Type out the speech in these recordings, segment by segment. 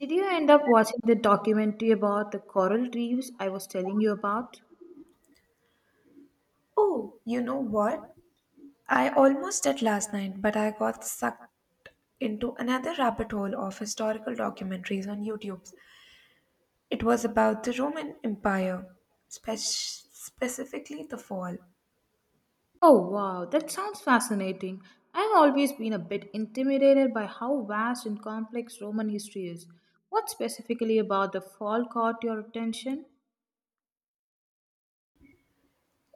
Did you end up watching the documentary about the coral reefs I was telling you about? Oh, you know what? I almost did last night, but I got sucked into another rabbit hole of historical documentaries on YouTube. It was about the Roman Empire, specifically the fall. Oh wow, that sounds fascinating. I've always been a bit intimidated by how vast and complex Roman history is. What specifically about the fall caught your attention?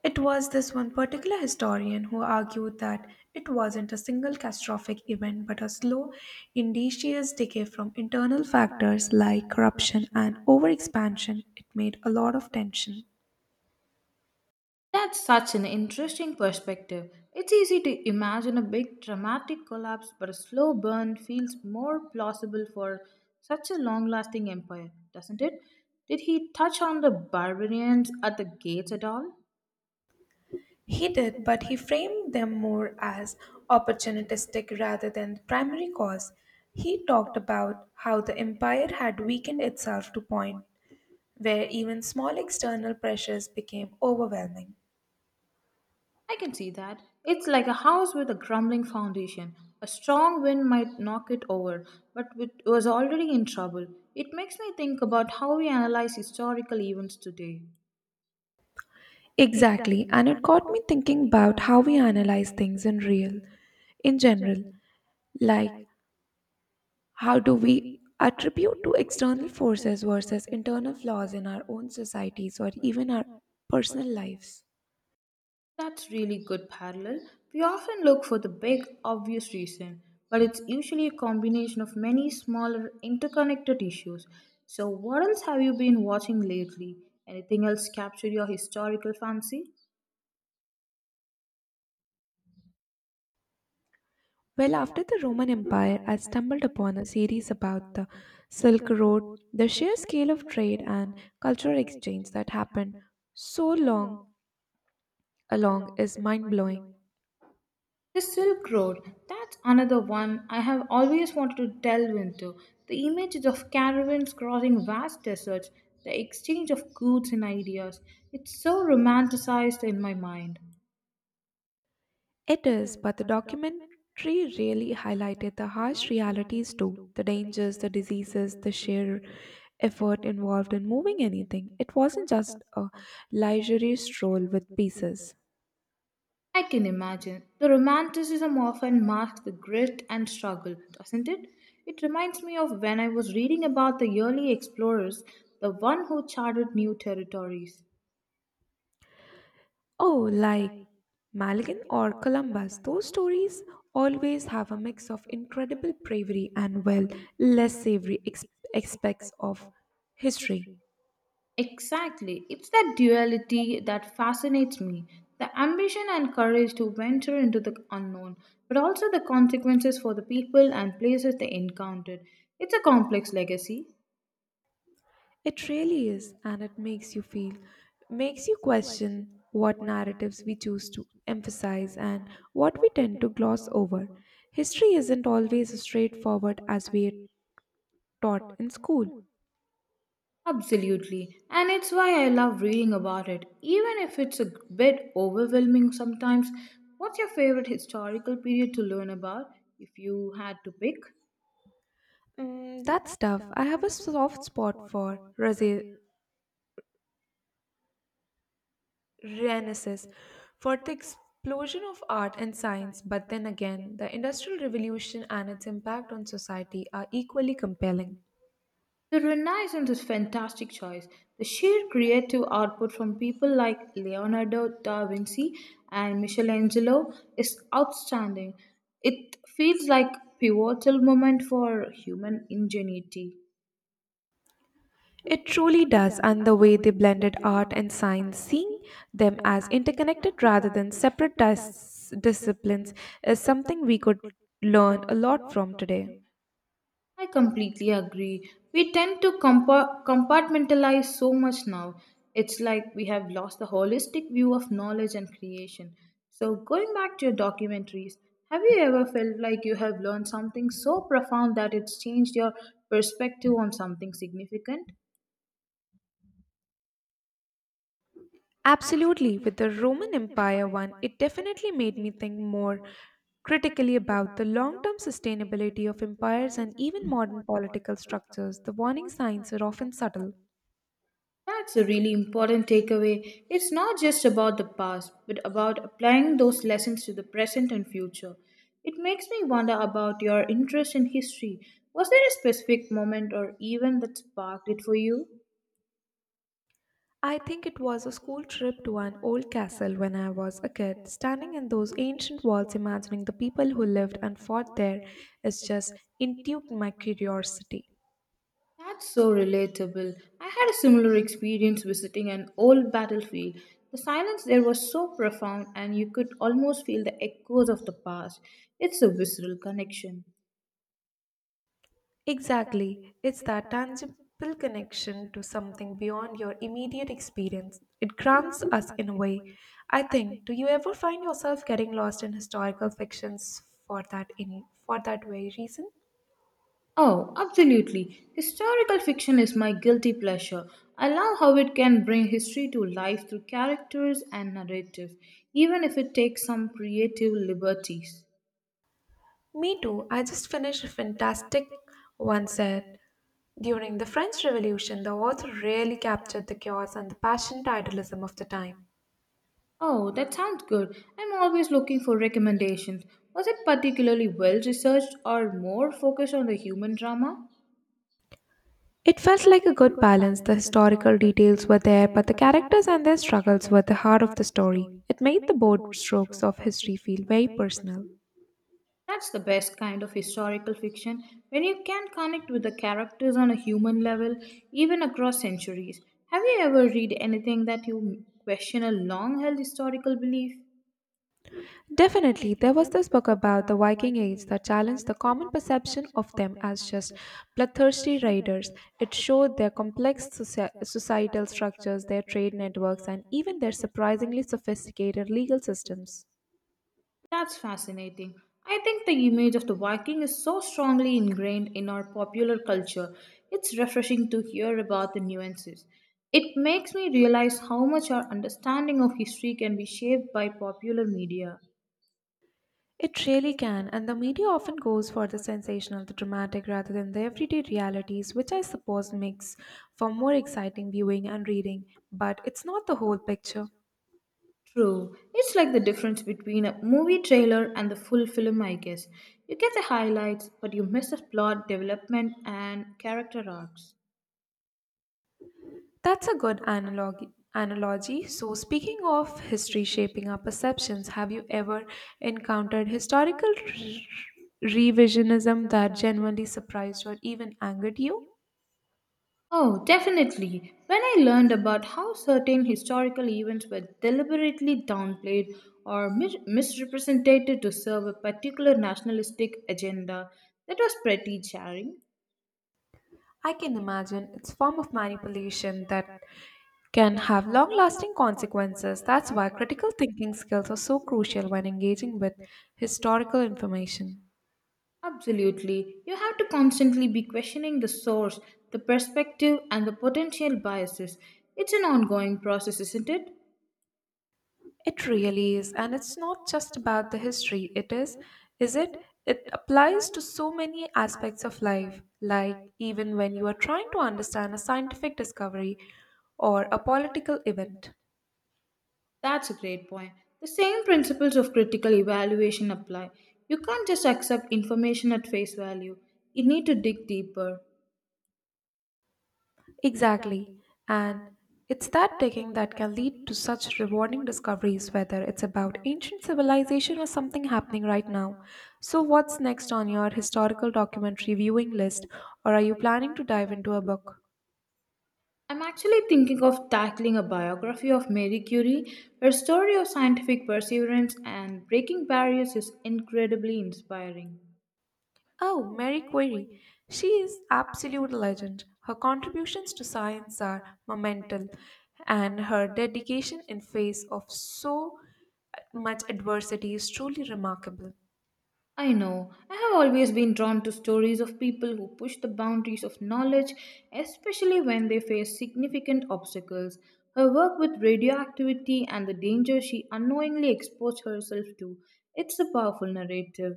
It was this one particular historian who argued that it wasn't a single catastrophic event but a slow, indicious decay from internal factors like corruption and overexpansion. It made a lot of tension. That's such an interesting perspective. It's easy to imagine a big dramatic collapse, but a slow burn feels more plausible for such a long lasting empire, doesn't it? Did he touch on the barbarians at the gates at all? He did, but he framed them more as opportunistic rather than the primary cause. He talked about how the empire had weakened itself to point where even small external pressures became overwhelming. I can see that. It's like a house with a crumbling foundation. A strong wind might knock it over, but it was already in trouble. It makes me think about how we analyze historical events today. Exactly, and it got me thinking about how we analyze things in real, in general, like how do we attribute to external forces versus internal flaws in our own societies or even our personal lives. That's really good parallel. We often look for the big, obvious reason, but it's usually a combination of many smaller, interconnected issues. So, what else have you been watching lately? Anything else capture your historical fancy? Well, after the Roman Empire, I stumbled upon a series about the Silk Road, the sheer scale of trade and cultural exchange that happened so long along is mind blowing. The Silk Road, that's another one I have always wanted to delve into. The images of caravans crossing vast deserts, the exchange of goods and ideas, it's so romanticized in my mind. It is, but the documentary really highlighted the harsh realities too the dangers, the diseases, the sheer effort involved in moving anything. It wasn't just a leisurely stroll with pieces. I can imagine. The romanticism often masks the grit and struggle, doesn't it? It reminds me of when I was reading about the early explorers, the one who charted new territories. Oh, like Maligan or Columbus, those stories always have a mix of incredible bravery and, well, less savory aspects of history. Exactly. It's that duality that fascinates me. The ambition and courage to venture into the unknown, but also the consequences for the people and places they encountered. It's a complex legacy. It really is, and it makes you feel, makes you question what narratives we choose to emphasize and what we tend to gloss over. History isn't always as straightforward as we are taught in school. Absolutely, and it's why I love reading about it, even if it's a bit overwhelming sometimes. What's your favorite historical period to learn about if you had to pick? Mm, that's tough. I have a soft spot for Razi Renaissance for the explosion of art and science, but then again, the Industrial Revolution and its impact on society are equally compelling. The Renaissance is fantastic choice. The sheer creative output from people like Leonardo da Vinci and Michelangelo is outstanding. It feels like pivotal moment for human ingenuity. It truly does, and the way they blended art and science, seeing them as interconnected rather than separate disciplines, is something we could learn a lot from today. I completely agree. We tend to compartmentalize so much now. It's like we have lost the holistic view of knowledge and creation. So, going back to your documentaries, have you ever felt like you have learned something so profound that it's changed your perspective on something significant? Absolutely, with the Roman Empire one, it definitely made me think more critically about the long term sustainability of empires and even modern political structures. The warning signs are often subtle. That's a really important takeaway. It's not just about the past, but about applying those lessons to the present and future. It makes me wonder about your interest in history. Was there a specific moment or event that sparked it for you? I think it was a school trip to an old castle when I was a kid. Standing in those ancient walls, imagining the people who lived and fought there, it's just intrigued my curiosity. That's so relatable. I had a similar experience visiting an old battlefield. The silence there was so profound, and you could almost feel the echoes of the past. It's a visceral connection. Exactly. It's that tangible connection to something beyond your immediate experience. It grounds us in a way. I think, do you ever find yourself getting lost in historical fictions for that very reason? Oh, absolutely. Historical fiction is my guilty pleasure. I love how it can bring history to life through characters and narrative, even if it takes some creative liberties. Me too. I just finished a fantastic one set. During the French Revolution, the author really captured the chaos and the passionate idealism of the time. Oh, that sounds good. I'm always looking for recommendations. Was it particularly well researched or more focused on the human drama? It felt like a good balance. The historical details were there, but the characters and their struggles were the heart of the story. It made the bold strokes of history feel very personal. That's the best kind of historical fiction when you can connect with the characters on a human level, even across centuries. Have you ever read anything that you question a long held historical belief? Definitely, there was this book about the Viking Age that challenged the common perception of them as just bloodthirsty raiders. It showed their complex societal structures, their trade networks, and even their surprisingly sophisticated legal systems. That's fascinating. I think the image of the Viking is so strongly ingrained in our popular culture. It's refreshing to hear about the nuances. It makes me realize how much our understanding of history can be shaped by popular media. It really can, and the media often goes for the sensational, the dramatic, rather than the everyday realities, which I suppose makes for more exciting viewing and reading, but it's not the whole picture. True. It's like the difference between a movie trailer and the full film, I guess. You get the highlights, but you miss the plot development and character arcs. That's a good analogy. So, speaking of history shaping our perceptions, have you ever encountered historical revisionism that genuinely surprised or even angered you? Oh, definitely. When I learned about how certain historical events were deliberately downplayed or misrepresented to serve a particular nationalistic agenda, that was pretty jarring. I can imagine it's form of manipulation that can have long-lasting consequences. That's why critical thinking skills are so crucial when engaging with historical information. Absolutely. You have to constantly be questioning the source, the perspective, and the potential biases. It's an ongoing process, isn't it? It really is, and it's not just about the history. It is it? It applies to so many aspects of life, like even when you are trying to understand a scientific discovery or a political event. That's a great point. The same principles of critical evaluation apply. You can't just accept information at face value, you need to dig deeper. Exactly. And it's that digging that can lead to such rewarding discoveries, whether it's about ancient civilization or something happening right now. So, what's next on your historical documentary viewing list, or are you planning to dive into a book? I'm actually thinking of tackling a biography of Marie Curie. Her story of scientific perseverance and breaking barriers is incredibly inspiring. Oh, Mary Query. She is absolute legend. Her contributions to science are monumental, and her dedication in face of so much adversity is truly remarkable. I know. I have always been drawn to stories of people who push the boundaries of knowledge, especially when they face significant obstacles. Her work with radioactivity and the danger she unknowingly exposed herself to, it's a powerful narrative.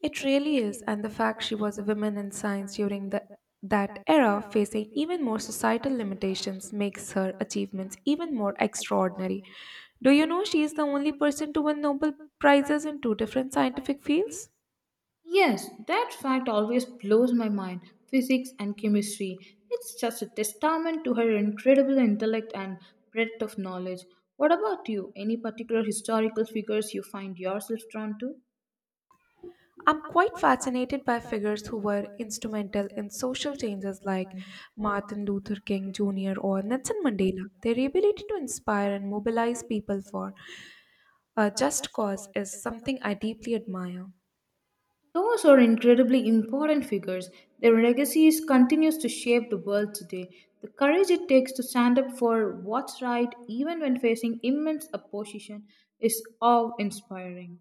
It really is, and the fact she was a woman in science during that era, facing even more societal limitations, makes her achievements even more extraordinary. Do you know she is the only person to win Nobel Prizes in two different scientific fields? Yes, that fact always blows my mind. Physics and chemistry. It's just a testament to her incredible intellect and breadth of knowledge. What about you? Any particular historical figures you find yourself drawn to? I'm quite fascinated by figures who were instrumental in social changes like Martin Luther King Jr. or Nelson Mandela. Their ability to inspire and mobilize people for a just cause is something I deeply admire. Those are incredibly important figures. Their legacies continues to shape the world today. The courage it takes to stand up for what's right even when facing immense opposition is awe-inspiring.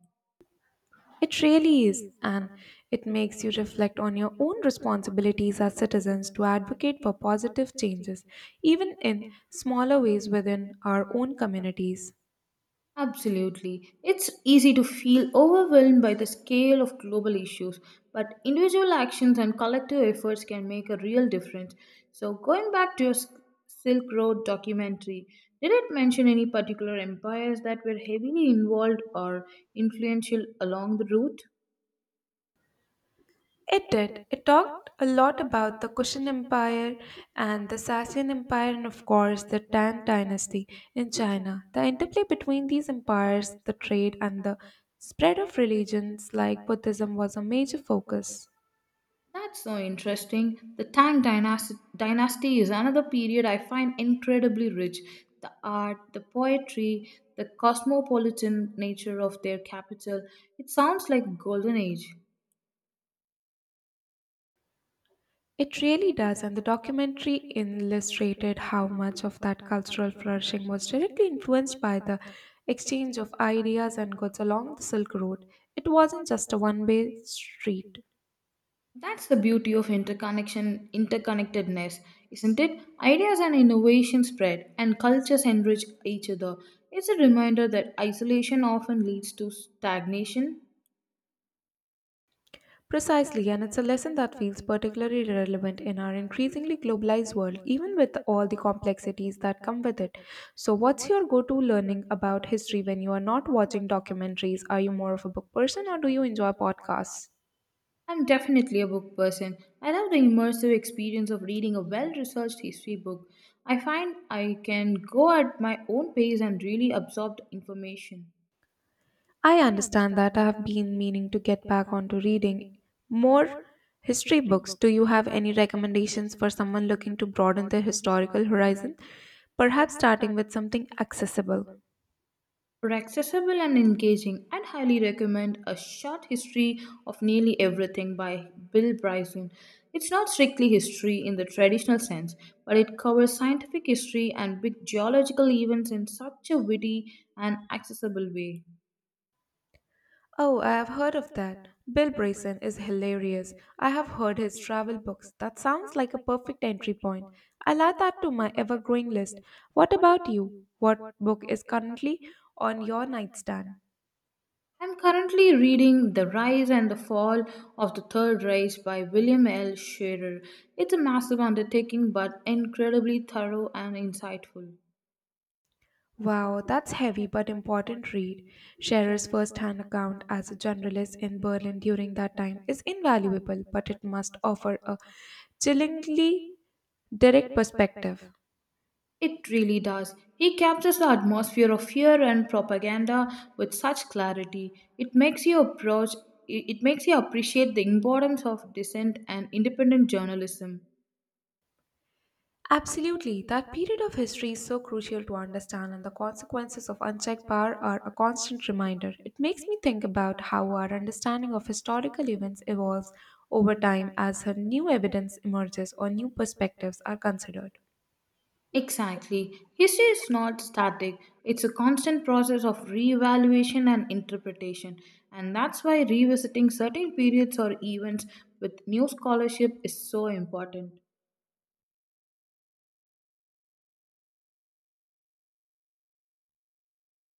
It really is, and it makes you reflect on your own responsibilities as citizens to advocate for positive changes, even in smaller ways within our own communities. Absolutely. It's easy to feel overwhelmed by the scale of global issues, but individual actions and collective efforts can make a real difference. So, going back to your Silk Road documentary, did it mention any particular empires that were heavily involved or influential along the route? It did. It talked a lot about the Kushan Empire and the Sassanian Empire, and of course, the Tang Dynasty in China. The interplay between these empires, the trade, and the spread of religions like Buddhism was a major focus. That's so interesting. The Tang dynasty is another period I find incredibly rich. The art, the poetry, the cosmopolitan nature of their capital. It sounds like golden age. It really does, and the documentary illustrated how much of that cultural flourishing was directly influenced by the exchange of ideas and goods along the Silk Road. It wasn't just a one way street. That's the beauty of interconnectedness, isn't it? Ideas and innovation spread, and cultures enrich each other. It's a reminder that isolation often leads to stagnation. Precisely, and it's a lesson that feels particularly relevant in our increasingly globalized world, even with all the complexities that come with it. So, what's your go to learning about history when you are not watching documentaries? Are you more of a book person or do you enjoy podcasts? I'm definitely a book person. I love the immersive experience of reading a well researched history book. I find I can go at my own pace and really absorb the information. I understand that I have been meaning to get back onto reading more history books. Do you have any recommendations for someone looking to broaden their historical horizon? Perhaps starting with something accessible. For accessible and engaging, I'd highly recommend A Short History of Nearly Everything by Bill Bryson. It's not strictly history in the traditional sense, but it covers scientific history and big geological events in such a witty and accessible way. Oh, I have heard of that. Bill Bryson is hilarious. I have heard his travel books. That sounds like a perfect entry point. I'll add that to my ever growing list. What about you? What book is currently on your nightstand? I'm currently reading The Rise and the Fall of the Third Reich by William L. Scherer. It's a massive undertaking but incredibly thorough and insightful. Wow, that's heavy but important read. Scherer's first-hand account as a journalist in Berlin during that time is invaluable, but it must offer a chillingly direct perspective. It really does. He captures the atmosphere of fear and propaganda with such clarity. It makes you approach it. It makes you appreciate the importance of dissent and independent journalism. Absolutely, that period of history is so crucial to understand, and the consequences of unchecked power are a constant reminder. It makes me think about how our understanding of historical events evolves over time as her new evidence emerges or new perspectives are considered. Exactly. History is not static, it's a constant process of reevaluation and interpretation. And that's why revisiting certain periods or events with new scholarship is so important.